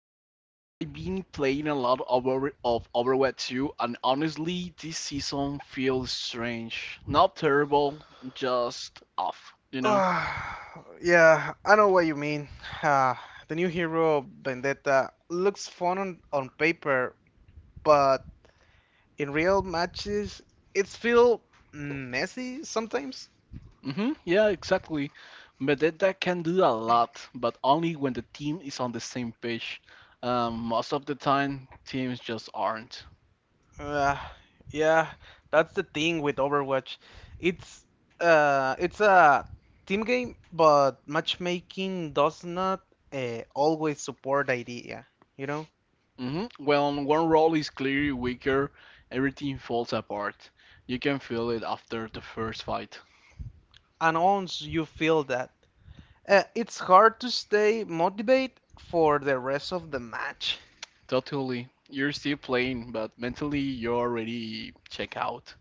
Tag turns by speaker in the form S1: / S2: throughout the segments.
S1: lately I've been playing a lot of Overwatch 2, and honestly, this season feels strange. Not terrible, just off, you know?
S2: Uh, yeah, I know what you mean. Uh, the new hero, Vendetta, looks fun on paper, but in real matches, it's feel messy sometimes.
S1: Yeah, exactly. Medeta can do a lot, but only when the team is on the same page. Most of the time, teams just aren't.
S2: Uh, yeah, that's the thing with Overwatch. It's it's a team game, but matchmaking does not always support the idea, you know?
S1: When one role is clearly weaker, everything falls apart. You can feel it after the first fight.
S2: And once you feel that. It's hard to stay motivated for the rest of the match.
S1: Totally. You're still playing, but mentally you're already check out.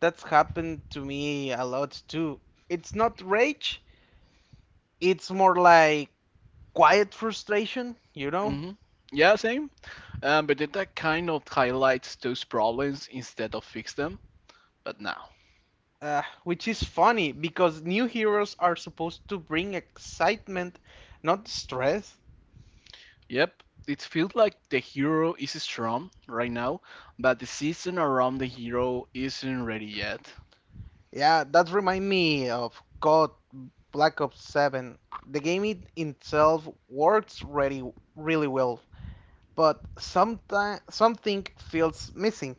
S2: That's happened to me a lot too. It's not rage, it's more like quiet frustration.
S1: hmm Yeah, same. But that kind of highlights those problems instead of fix them. But now,
S2: Which is funny because new heroes are supposed to bring excitement, not stress.
S1: yep, it feels like the hero is strong right now, but the season around the hero isn't ready yet.
S2: Yeah, that remind me of God Black Ops 7. The game itself works really well but sometimes something feels missing.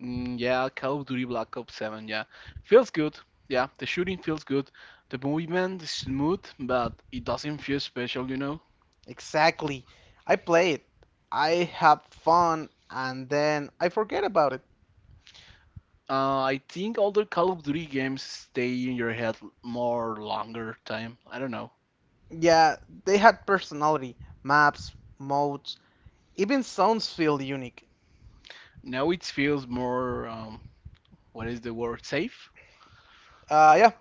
S1: Mm, yeah, Call of Duty Black Ops 7. Yeah, feels good. Yeah, the shooting feels good. The movement is smooth, but it doesn't feel special, you know.
S2: Exactly. I play it. I have fun and then I forget about it.
S1: I think older Call of Duty games stay in your head more longer time. I don't know.
S2: Yeah, they had personality, maps, modes, even sounds feel unique.
S1: Now it feels more, what is the word, safe?
S2: Uh yeah,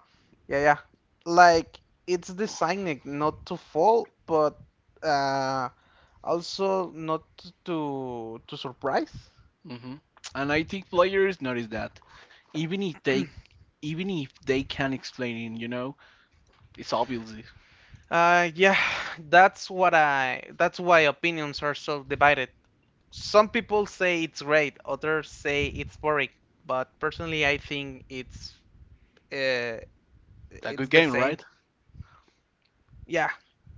S2: yeah, yeah. Like it's designed not to fall, but uh also not to surprise.
S1: hmm And I think players notice that, even if they even if they can't explain it, it's obviously
S2: Yeah, that's what I. that's why opinions are so divided. Some people say it's great, others say it's boring. But personally, I think uh,
S1: a good
S2: it's the
S1: game,
S2: same.
S1: right?
S2: Yeah,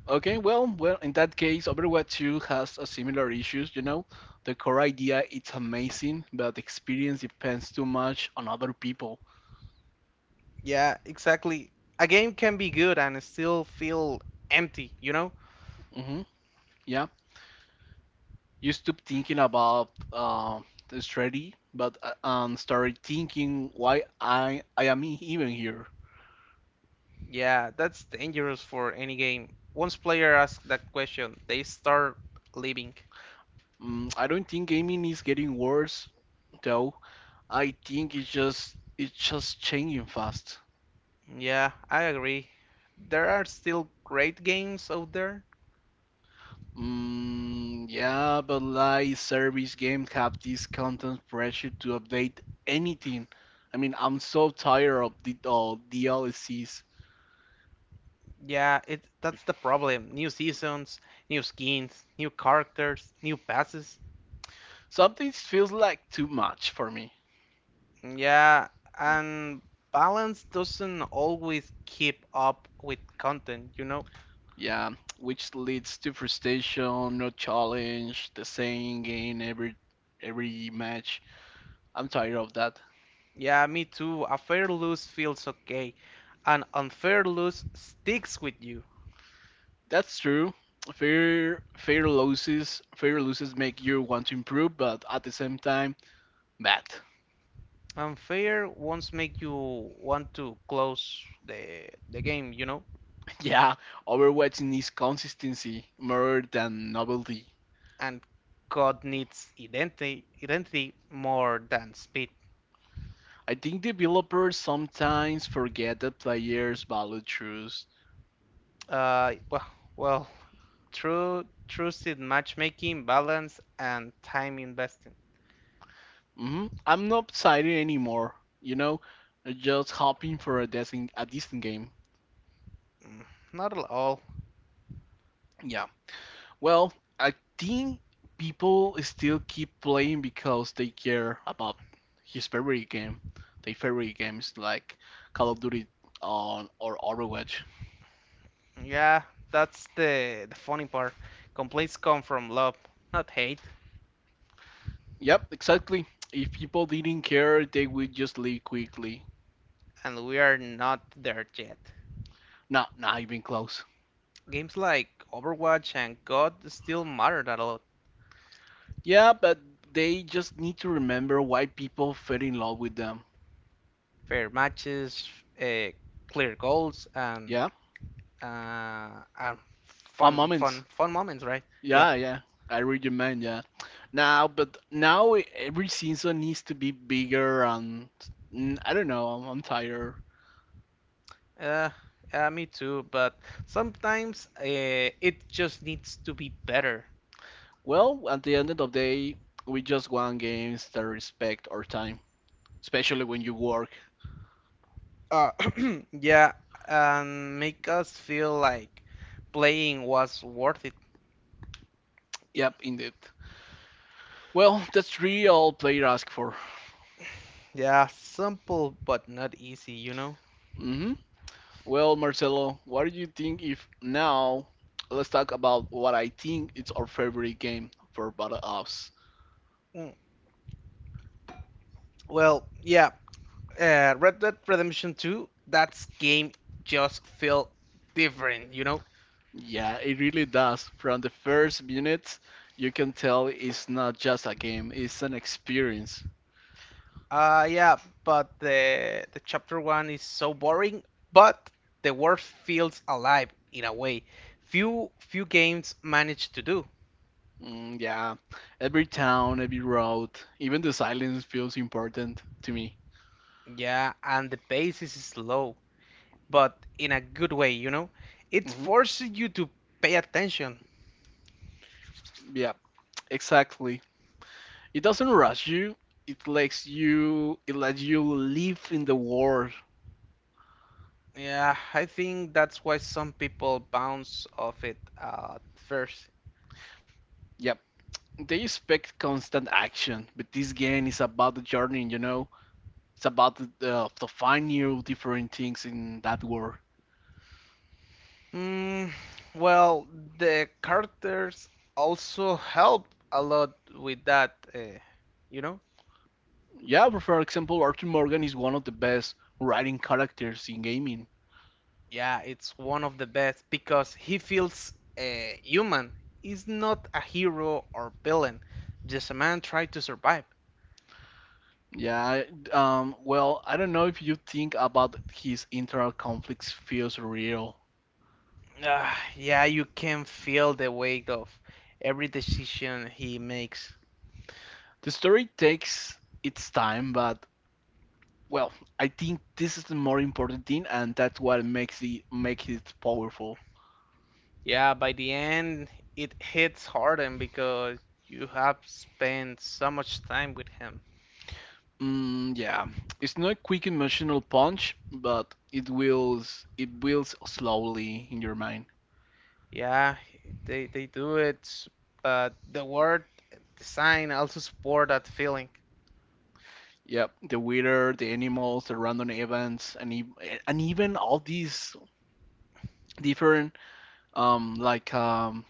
S1: Okay, well, in that case, Overwatch 2 has a similar issues. You know, the core idea it's amazing, but the experience depends too much on other people.
S2: yeah, exactly. A game can be good and still feel empty.
S1: hmm Yeah. You stop thinking about the strategy, but started thinking why I am even here.
S2: Yeah, that's dangerous for any game. Once player asks that question, they start leaving.
S1: Mm, I don't think gaming is getting worse though. I think it's just changing fast.
S2: Yeah, I agree. There are still great games out there.
S1: Mm, yeah, but like service games have this content pressure to update anything. I mean, I'm so tired of the all DLCs.
S2: Yeah, it that's the problem. New seasons, new skins, new characters, new passes.
S1: Something feels like too much for me.
S2: Yeah, and balance doesn't always keep up with content.
S1: Yeah, which leads to frustration, no challenge, the same game every match. I'm tired of that.
S2: Yeah, me too. A fair lose feels okay. An unfair lose sticks with you.
S1: That's true. Fair losses make you want to improve, but at the same time, bad.
S2: Unfair ones make you want to close the game, you know?
S1: Yeah, Overwatch needs consistency more than novelty.
S2: And God needs identity more than speed.
S1: I think developers sometimes forget that players value truth.
S2: Uh, well, well, true seed matchmaking, balance, and time investing.
S1: I'm not excited anymore, you know, just hoping for a decent game.
S2: Mm, not at all.
S1: Yeah. Well, I think people still keep playing because they care about his favorite game. Their favorite games like Call of Duty on or Overwatch.
S2: Yeah, that's the funny part. Complaints come from love, not hate,
S1: Yep, exactly. If people didn't care, they would just leave quickly.
S2: and we are not there yet.
S1: Not even close.
S2: Games like Overwatch and COD still matter that a lot.
S1: Yeah, but they just need to remember why people fell in love with them.
S2: Fair matches, uh, clear goals,
S1: Yeah.
S2: and
S1: Fun
S2: fun,
S1: moments.
S2: fun, fun moments, right? Yeah.
S1: Yeah, yeah. I read your mind, yeah. Now, but now every season needs to be bigger and mm, I don't know, I'm tired.
S2: Uh, yeah, me too, but sometimes it just needs to be better.
S1: Well, at the end of the day, we just want games that respect our time, especially when you work.
S2: Uh, yeah, and make us feel like playing was worth it.
S1: Yep, indeed. Well, that's really all player ask for.
S2: Yeah, simple but not easy, you know?
S1: hmm Well, Marcelo, what do you think if now let's talk about what I think it's our favorite game for Battle Ops?
S2: Mm, well, yeah, Red Dead Redemption 2, that's game just feel different, you know?
S1: Yeah, it really does. From the first minutes, you can tell it's not just a game, it's an experience.
S2: Yeah, but the chapter one is so boring, but the world feels alive in a way few games manage to do.
S1: Mm, yeah, every town, every road, even the silence feels important to me.
S2: Yeah, and the pace is slow, but in a good way, you know? It
S1: hmm
S2: forces you to pay attention.
S1: Yeah, exactly. It doesn't rush you. It lets you live in the world.
S2: Yeah, I think that's why some people bounce off it at first.
S1: Yep. They expect constant action, but this game is about the journey, you know? It's about the to find new different things in that world.
S2: Mm, well, the characters also help a lot with that, you know?
S1: Yeah, for example, Arthur Morgan is one of the best writing characters in gaming.
S2: Yeah, it's one of the best because he feels uh, human. He's not a hero or villain, just a man trying to survive.
S1: Yeah, well, I don't know if you think about his internal conflicts feels real.
S2: Ah, yeah, you can feel the weight of every decision he makes.
S1: The story takes its time, but well, I think this is the more important thing, and that's what makes it powerful.
S2: Yeah, by the end, it hits Harden because you have spent so much time with him.
S1: Mm, yeah, it's not a quick emotional punch, but it wills it builds slowly in your mind.
S2: Yeah, they do it, but the word design also support that feeling.
S1: Yep, the weather, the animals, the random events, and and even all these different like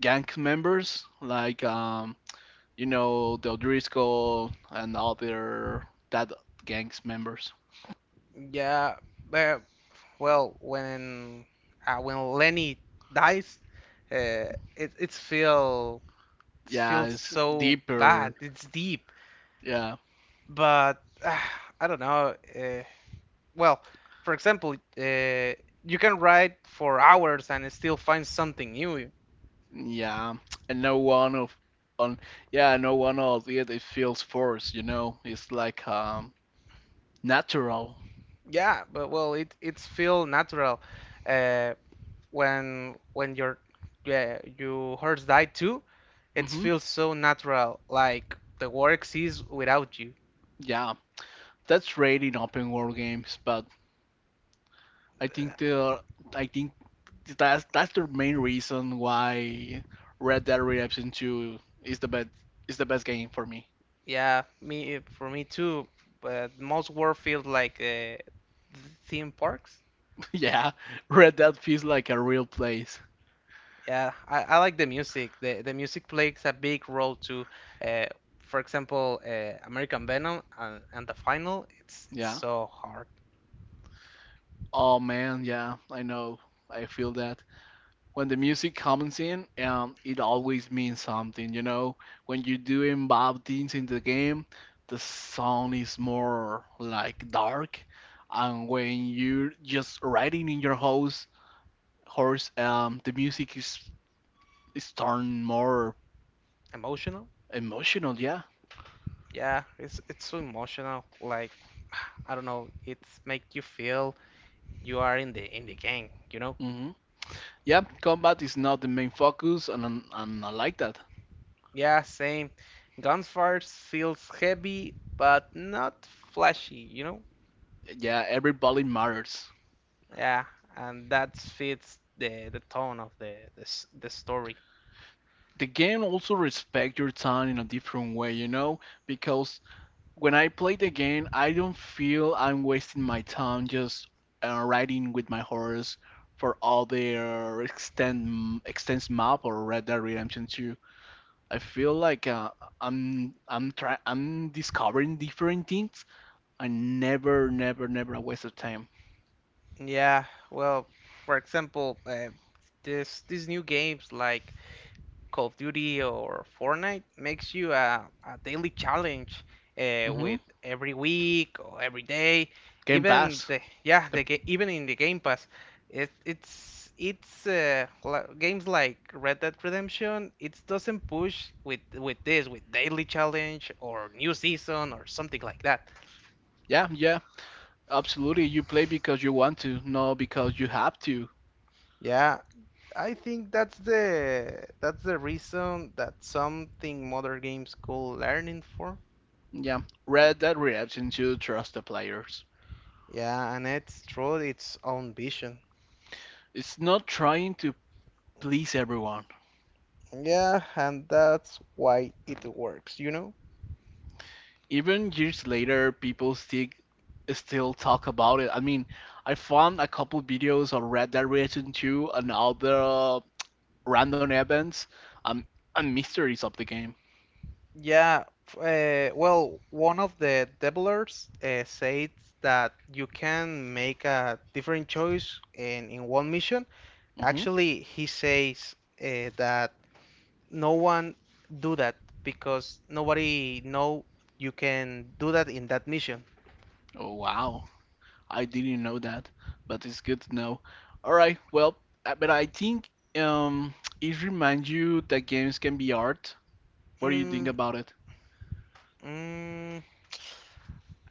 S1: gang members, like you know the O'Driscoll and other that gang's members.
S2: Yeah, but well, when Lenny dies, uh, it it's feel it
S1: Yeah,
S2: feels
S1: it's
S2: so bad.
S1: deeper.
S2: It's deep,
S1: Yeah,
S2: but I don't know. Well, for example, you can write for hours and still find something new.
S1: yeah, and no one of on yeah no one of it it feels forced. You know, it's like natural.
S2: Yeah, but well, it it's feel natural. Uh, when when your yeah, your horse died too, it
S1: Mhm.
S2: feels so natural, like the war exists without you.
S1: Yeah, that's great in open world games, but I think they are, I think that's the main reason why Red Dead Redemption 2 is the best game for me.
S2: Yeah, me for me too. But most war feels like theme parks.
S1: yeah, Red Dead feels like a real place.
S2: Yeah, I like the music. The music plays a big role too. Uh, for example, American Venom and the final. It's
S1: Yeah.
S2: so hard,
S1: Oh man, yeah, I know. I feel that when the music comes in, it always means something. You know, when you're doing bad things in the game, the song is more like dark, and when you're just riding in your house horse the music is turned more
S2: emotional.
S1: emotional yeah
S2: Yeah, it's so emotional. Like I don't know, it's make you feel you are in the gang, you know?
S1: hmm yeah combat is not the main focus and I like that
S2: Yeah, same. Gunfire feels heavy but not flashy, you know?
S1: yeah everybody matters
S2: Yeah, and that fits the tone of the story.
S1: the game also respect your time in a different way you know because when I play the game I don't feel I'm wasting my time just riding with my horse for all their extends map or red dead redemption 2. I feel like I'm discovering different things. I never a waste of time.
S2: Yeah, well, for example, this these new games like Call of Duty or Fortnite makes you a daily challenge
S1: hmm
S2: with every week or every day.
S1: Game
S2: Even
S1: Pass.
S2: the yeah,
S1: The-
S2: the ga- even in the Game Pass, it, it's li- games like Red Dead Redemption. It doesn't push with daily challenge or new season or something like that.
S1: Yeah, yeah, absolutely. You play because you want to, not because you have to.
S2: Yeah, I think that's the reason that something modern games could learn in for.
S1: Yeah, Red Dead Redemption should trust the players.
S2: Yeah, and it's through its own vision.
S1: It's not trying to please everyone.
S2: Yeah, and that's why it works, you know?
S1: Even years later, people still talk about it. I mean, I found a couple videos of Red Dead Redemption 2 and other random events, um, and mysteries of the game.
S2: Yeah, f- one of the developers said that you can make a different choice in one mission.
S1: hmm
S2: Actually, he says that no one do that because nobody know you can do that in that mission.
S1: Oh, wow. I didn't know that, but it's good to know. All right, well, but I think um, it reminds you that games can be art. What do you think
S2: Mm,
S1: about it?
S2: mm,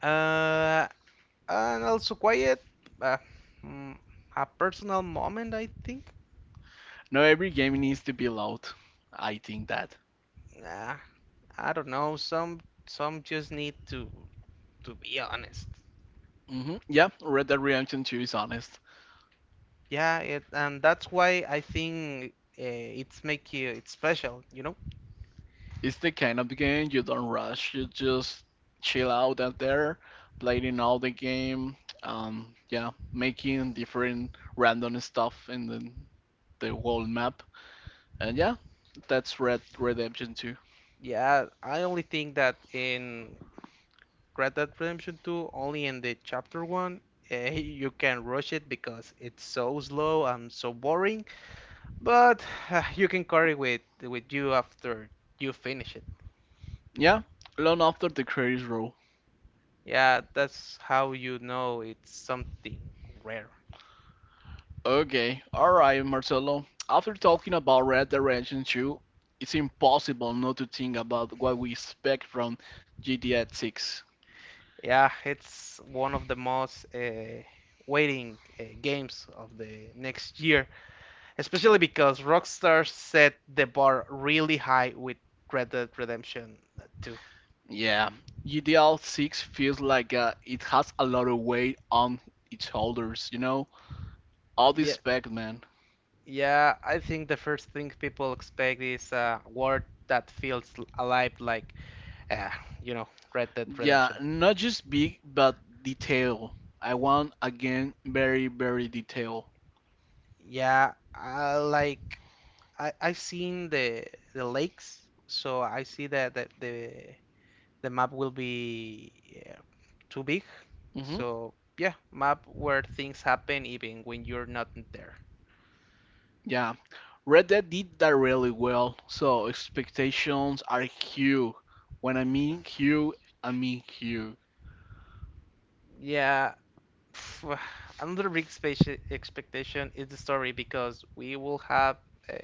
S2: uh, and also quiet. Uh, mm, a personal moment, I think.
S1: Not every game needs to be loud. I think that.
S2: Nah, I don't know. Some just need to be honest.
S1: Yeah, Red Dead Redemption 2 is honest.
S2: Yeah, and that's why I think it's make you it's special. You know.
S1: It's the kind of game you don't rush. You just chill out there, playing all the game. Yeah, making different random stuff in the world map. And yeah, that's Red Redemption 2.
S2: Yeah, I only think that in Red Dead Redemption 2, only in the chapter one, you can rush it because it's so slow and so boring. But you can carry with you after you finish it.
S1: Yeah, long after the credits roll.
S2: Yeah, that's how you know it's something rare.
S1: Okay, alright, Marcelo. After talking about Red Dead Redemption 2, it's impossible not to think about what we expect from GTA 6.
S2: Yeah, it's one of the most waiting games of the next year, especially because Rockstar set the bar really high with Red Dead Redemption 2.
S1: Yeah, UDL 6 feels like it has a lot of weight on its shoulders, you know? All this
S2: Yeah,
S1: spec, man.
S2: yeah, I think the first thing people expect is a word that feels alive, like, uh, you know, Red Dead
S1: Yeah,
S2: Redemption.
S1: not just big, but detail. I want, again, very, very detail.
S2: Yeah, I like. I I've seen the lakes, so I see that the map will be yeah, too big.
S1: hmm
S2: So yeah, map where things happen even when you're not there.
S1: Yeah, Red Dead did that really well, so expectations are huge. When I mean huge, I mean huge.
S2: Yeah, pff, another big space expectation is the story because we will have uh,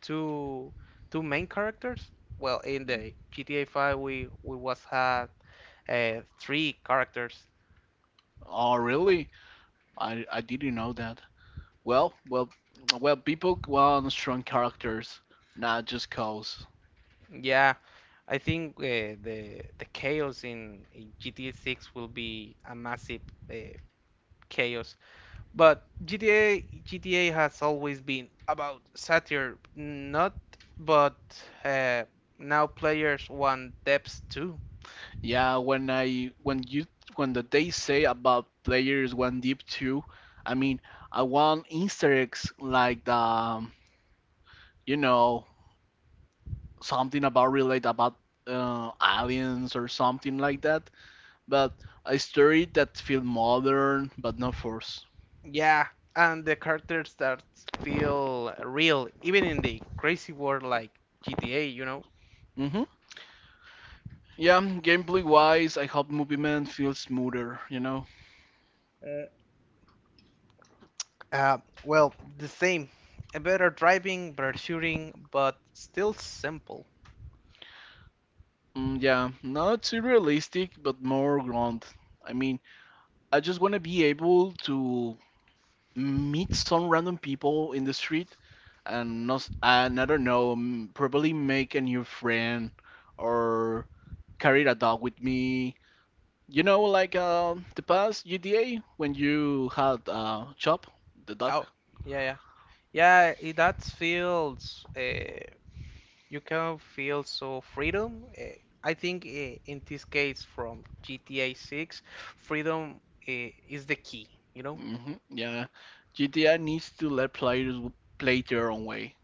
S2: two two main characters. Well, in the GTA 5 we was had three characters.
S1: Oh, really? I didn't know that. Well, well, well, people want strong characters, not just cows.
S2: Yeah, I think the chaos in GTA 6 will be a massive uh, chaos. But GTA has always been about satire, not but uh, now players want depth too.
S1: Yeah, when I when you when the they say about players one deep two, I mean I want Easter eggs like the you know something about relate about aliens or something like that. But a story that feel modern but not forced.
S2: Yeah, and the characters that feel real, even in the crazy world like GTA, you know.
S1: Mhm. Yeah, gameplay wise, I hope movement feels smoother. You know.
S2: Mm. Uh, the same. A better driving, better shooting, but still simple.
S1: Mm, yeah, not too realistic but more ground. I mean, I just want to be able to meet some random people in the street and not and I don't know probably make a new friend or carry a dog with me you know like the past GTA when you had Chop the dog
S2: Oh, yeah, yeah. Yeah, that feels you can feel so freedom. I think in this case from GTA 6, freedom is the key, you know?
S1: yeah GTA needs to let players play their own way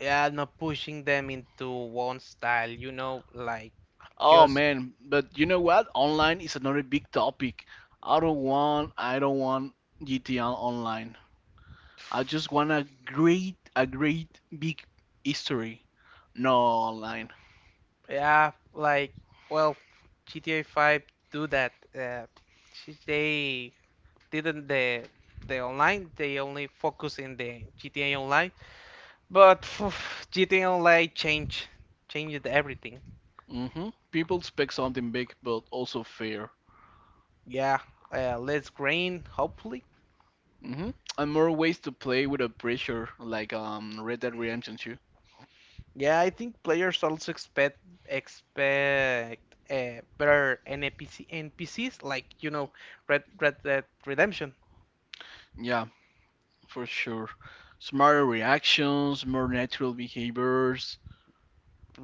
S2: Yeah, not pushing them into one style, you know, like
S1: oh
S2: just
S1: man but you know what online is another big topic I don't want GTA online I just want a great big history, no online.
S2: yeah, like well, GTA 5 do that. Uh, they didn't the online, they only focus in the GTA Online. But GTA Online changed everything.
S1: People expect something big, but also fair.
S2: Yeah, less grain, hopefully.
S1: hmm And more ways to play without pressure, like Red Dead Redemption 2.
S2: Yeah, I think players also expect better NPCs like you know Red Dead Redemption.
S1: Yeah, for sure. Smarter reactions, more natural behaviors.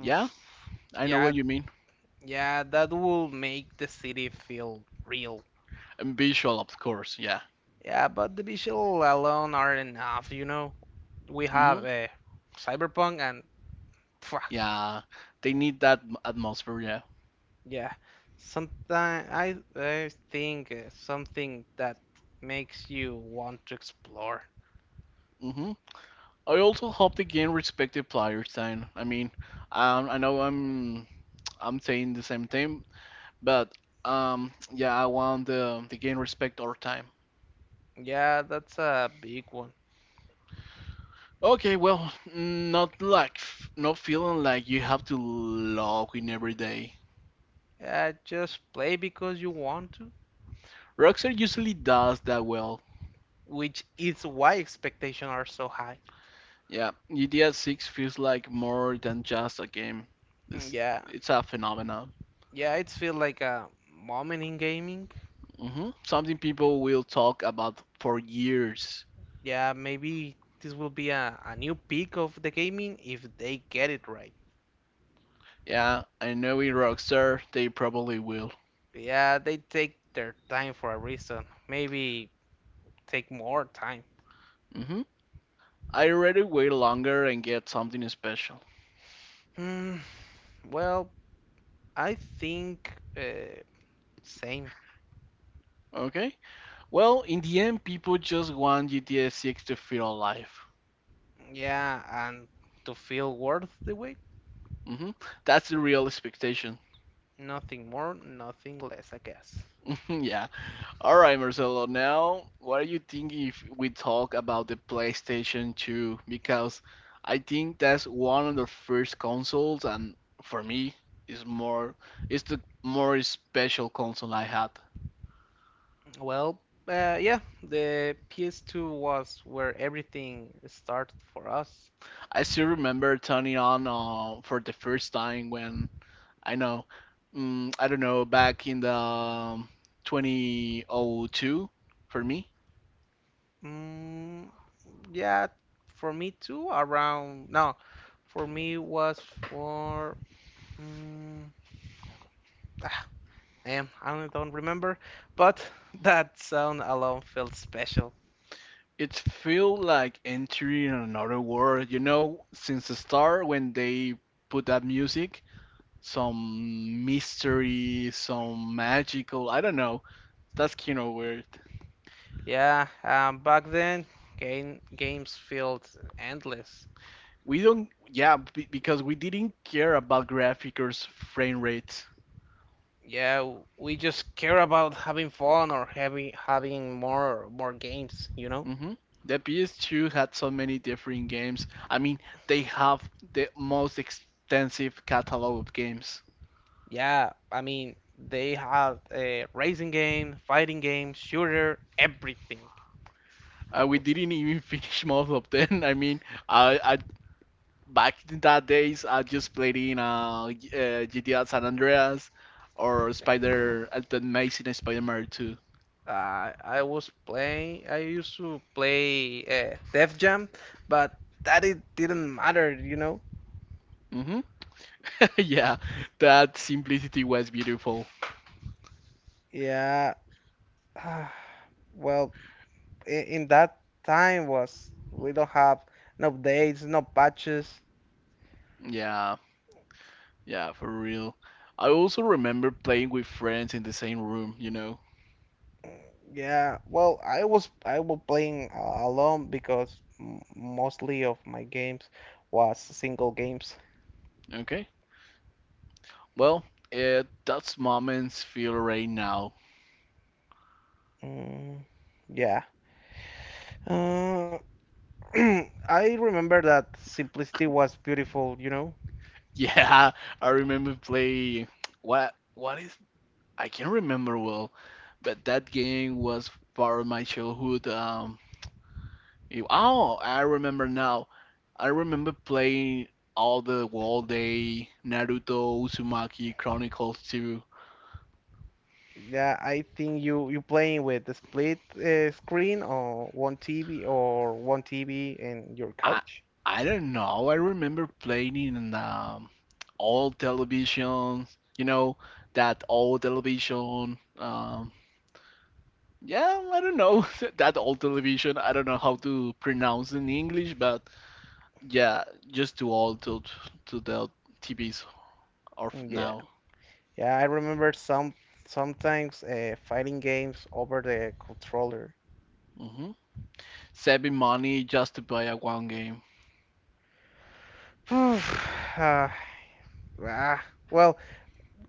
S1: Yeah, I know
S2: Yeah,
S1: what you mean.
S2: yeah, that will make the city feel real.
S1: And visual, of course. Yeah.
S2: Yeah, but the visual alone aren't enough, you know. We
S1: hmm
S2: have Cyberpunk and phew.
S1: Yeah, they need that atmosphere. Yeah.
S2: Yeah, sometimes I think something that makes you want to explore.
S1: hmm I also hope the game respect the players' time. I mean, I know I'm saying the same thing, but yeah, I want the game respect our time.
S2: Yeah, that's a big one.
S1: Okay, well, not like not feeling like you have to log in every day.
S2: Yeah, just play because you want to,
S1: Rockstar usually does that well.
S2: which is why expectations are so high.
S1: Yeah, GTA 6 feels like more than just a game.
S2: Mm,
S1: This
S2: yeah,
S1: it's a phenomenon.
S2: yeah, it feels like a moment in gaming.
S1: Something people will talk about for years.
S2: Yeah, maybe this will be a new peak of the gaming if they get it right.
S1: Yeah, I know in Rockstar they probably will.
S2: Yeah, they take their time for a reason. Maybe take more time.
S1: hmm I rather wait longer and get something special.
S2: Hmm. Well, I think same.
S1: Okay? Well, in the end, people just want GTA 6 to feel alive.
S2: Yeah, and to feel worth the wait,
S1: hmm That's the real expectation.
S2: nothing more, nothing less, I guess.
S1: yeah. Alright, Marcelo, now what do you think if we talk about the PlayStation 2? Because I think that's one of the first consoles, and for me, is more, it's the more special console I had.
S2: Well, yeah, the PS2 was where everything started for us.
S1: I still remember turning on for the first time when I know, mm, I don't know, back in the 2002 for me.
S2: Mm, yeah, for me too, around, no, for me was for, mm, ah, damn, I don't remember, but that sound alone felt special.
S1: It feel like entering another world, you know, since the start when they put that music, some mystery, some magical, I don't know. That's kind of weird.
S2: Yeah, back then, games felt endless.
S1: We don't, yeah, be- because we didn't care about graphics frame rates.
S2: Yeah, we just care about having fun or having more games, you know?
S1: hmm The PS2 had so many different games. I mean, they have the most extensive catalog of games.
S2: Yeah, I mean, they had a racing game, fighting game, shooter, everything.
S1: We didn't even finish most of them. I mean, I back in that days, I just played in GTA San Andreas or the Amazing Spider-Man 2.
S2: I used to play Def Jam, but that it didn't matter, you know?
S1: Hmm Yeah, that simplicity was beautiful.
S2: Yeah, well. In that time was we don't have no updates, no patches.
S1: Yeah, yeah, for real. I also remember playing with friends in the same room, you know.
S2: Mm, yeah, well, I was playing alone because m mostly of my games was single games.
S1: Okay. Well, that's moments feel right now.
S2: Mm, yeah. Uh, I remember that simplicity was beautiful, you know.
S1: Yeah, I remember playing. What is? I can't remember well, but that game was part of my childhood. Oh, I remember now. I remember playing all the Wall Day, Naruto, Uzumaki Chronicles 2.
S2: Yeah, I think you playing with the split screen or one TV or one TV in your
S1: I
S2: couch.
S1: don't know. I remember playing it in all televisions. You know that old television. Yeah, I don't know. That old television, I don't know how to pronounce in English, but yeah, just too old to the TVs of
S2: Mm, yeah,
S1: now.
S2: yeah, I remember sometimes fighting games over the controller.
S1: Hmm Saving money just to buy a one game.
S2: Ah, ah, well,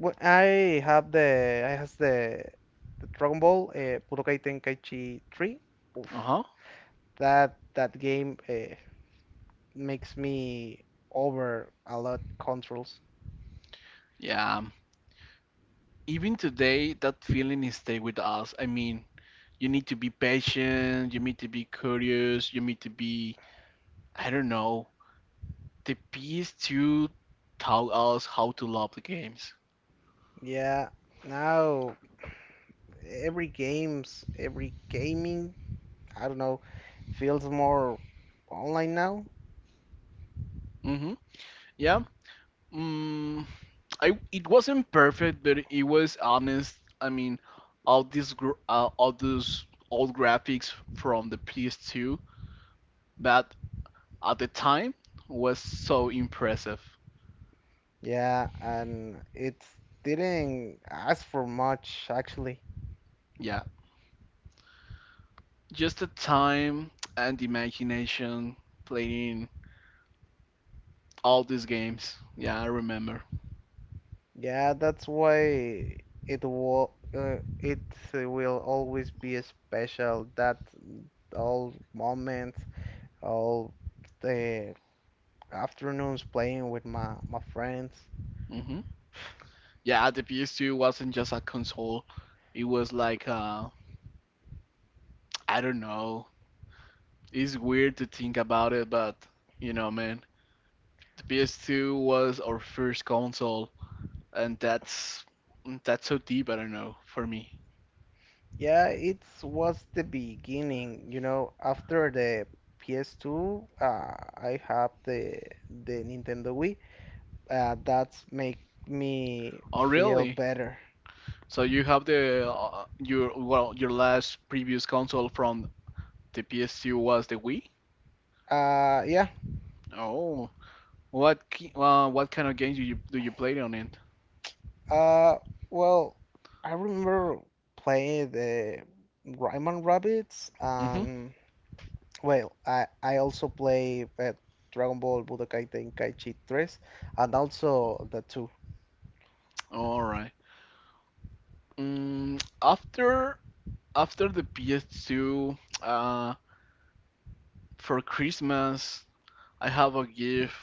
S2: I have the I has the Dragon Ball Budokai Tenkaichi 3. Oof,
S1: Uh-huh.
S2: that game makes me over a lot controls.
S1: Yeah. Even today, that feeling is stay with us. I mean, you need to be patient, you need to be curious, you need to be, I don't know, the PS2 taught us how to love the games.
S2: Yeah, now every games, every gaming, I don't know, feels more online now.
S1: Hmm Yeah. Mm, I it wasn't perfect, but it was honest. I mean, all those old graphics from the PS2 that at the time was so impressive.
S2: Yeah, and it didn't ask for much actually.
S1: Yeah, just the time and the imagination playing all these games. Yeah, I remember.
S2: Yeah, that's why it will always be a special that all moments, all the afternoons playing with my friends.
S1: Hmm Yeah, the PS2 wasn't just a console. It was like I don't know. It's weird to think about it, but you know, man. The PS2 was our first console, and that's so deep. I don't know for me.
S2: Yeah, it was the beginning, you know, after the PS2, I have the Nintendo Wii. Uh, that's make me
S1: Oh,
S2: feel
S1: really?
S2: better.
S1: So you have the your well your last previous console from the PS2 was the Wii?
S2: Yeah.
S1: Oh, what kind of games do you play on it?
S2: Uh, well, I remember playing the Rayman Rabbits.
S1: Mhm.
S2: Well, I also play Dragon Ball Budokai Tenkaichi 3 and also the 2.
S1: All right. Mm, after after the PS2, uh, for Christmas I have a gift,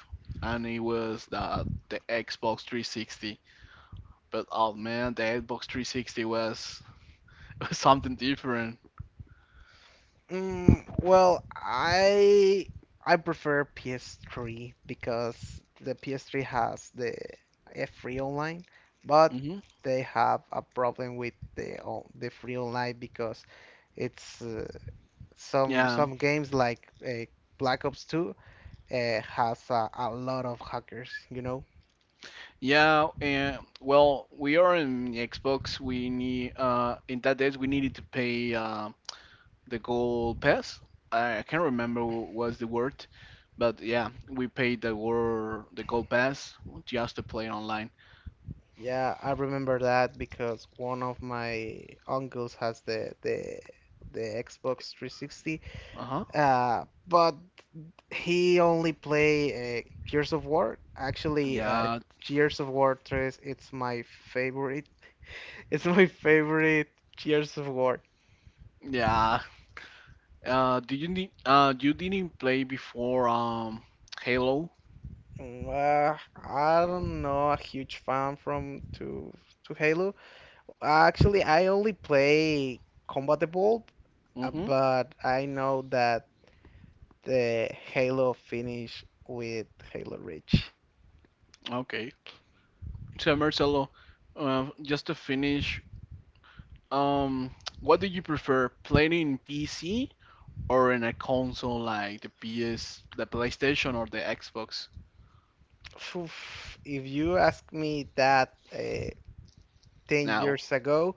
S1: and it was the Xbox 360. But oh man, the Xbox 360 was something different.
S2: Mm, well, I prefer PS3 because the PS3 has the a free online, but
S1: Hmm
S2: they have a problem with the free online because it's some
S1: Yeah,
S2: some games like Black Ops 2 has a lot of hackers, you know?
S1: yeah, and well, we are in Xbox. We need in that days we needed to pay the gold pass. I can't remember what was the word, but yeah, we paid the word the gold pass just to play online.
S2: Yeah, I remember that because one of my uncles has the Xbox 360.
S1: Uh-huh.
S2: But He only play Gears of War. Actually,
S1: Yeah,
S2: Gears of War 3, it's my favorite. It's my favorite Gears of War.
S1: yeah. Do you need you didn't play before Halo?
S2: Mm, I'm not a huge fan from to Halo. Actually, I only play Combat Evolved,
S1: Mm-hmm.
S2: but I know that the Halo finish with Halo Reach.
S1: Okay. So Marcelo, just to finish, um, what do you prefer, playing in PC or in a console like the PS, the PlayStation or the Xbox?
S2: Oof. If you ask me that 10
S1: Now,
S2: years ago,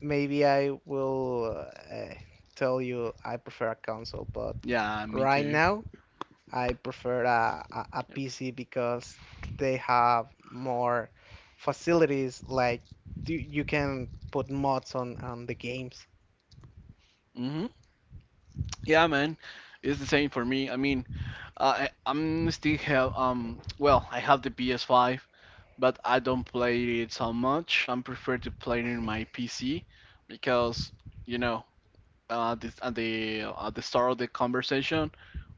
S2: maybe I will tell you I prefer a console, but
S1: yeah, me
S2: right
S1: too.
S2: now I prefer
S1: Yep.
S2: PC because they have more facilities. Like you can put mods on the games.
S1: hmm Yeah, man, it's the same for me. I mean, I I'm still have I have the PS5, but I don't play it so much. I prefer to play it in my PC because you know, at the start of the conversation,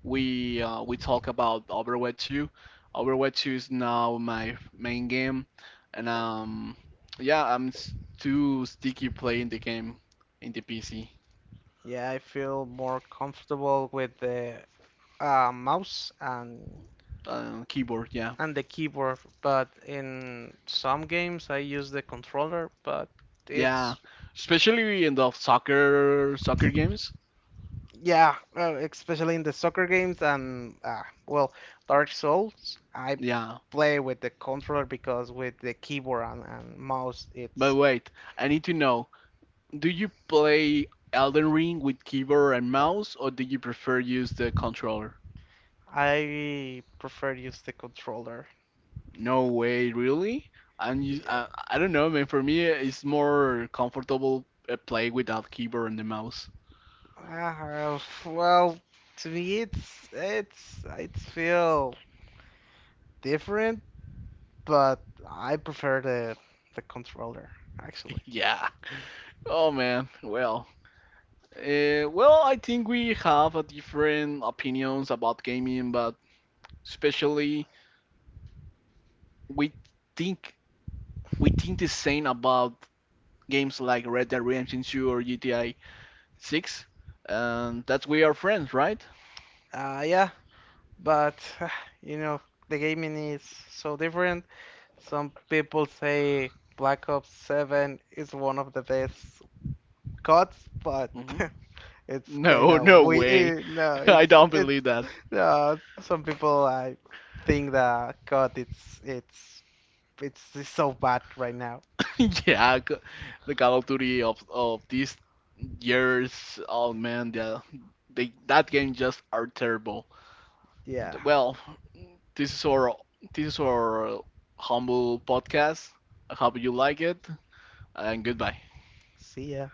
S1: we talk about Overwatch 2. Overwatch 2 is now my main game, and yeah, too sticky playing the game in the PC,
S2: Yeah, I feel more comfortable with the mouse and
S1: keyboard. Yeah,
S2: the keyboard, but in some games I use the controller, but
S1: yeah,
S2: it's.
S1: especially in the soccer games.
S2: Yeah, especially in the soccer games and well, Dark Souls, I
S1: Yeah,
S2: play with the controller because with the keyboard and mouse,
S1: but
S2: it's.
S1: wait, I need to know: do you play Elden Ring with keyboard and mouse, or do you prefer use the controller?
S2: I prefer use the controller.
S1: No way, really? And you,
S2: Yeah.
S1: I don't know, man. For me, it's more comfortable play without keyboard and the mouse.
S2: Uh, f- well, to me, it's it feel different, but I prefer the controller actually.
S1: Yeah. Oh man. Well. I think we have a different opinions about gaming, but especially we think the same about games like Red Dead Redemption 2 or GTA 6, and that's we are friends, right?
S2: Yeah, but you know, the gaming is so different. Some people say Black Ops 7 is one of the best CODs, but
S1: hmm
S2: it's kind
S1: No,
S2: of
S1: no way.
S2: weird. No,
S1: I don't
S2: it's
S1: believe that.
S2: no, some people I think that COD it's so bad right now.
S1: Yeah, c- the Call of Duty of these years, oh man, yeah, they that game just are terrible.
S2: Yeah.
S1: Well, this is our this is our humble podcast. I hope you like it, and goodbye.
S2: See ya.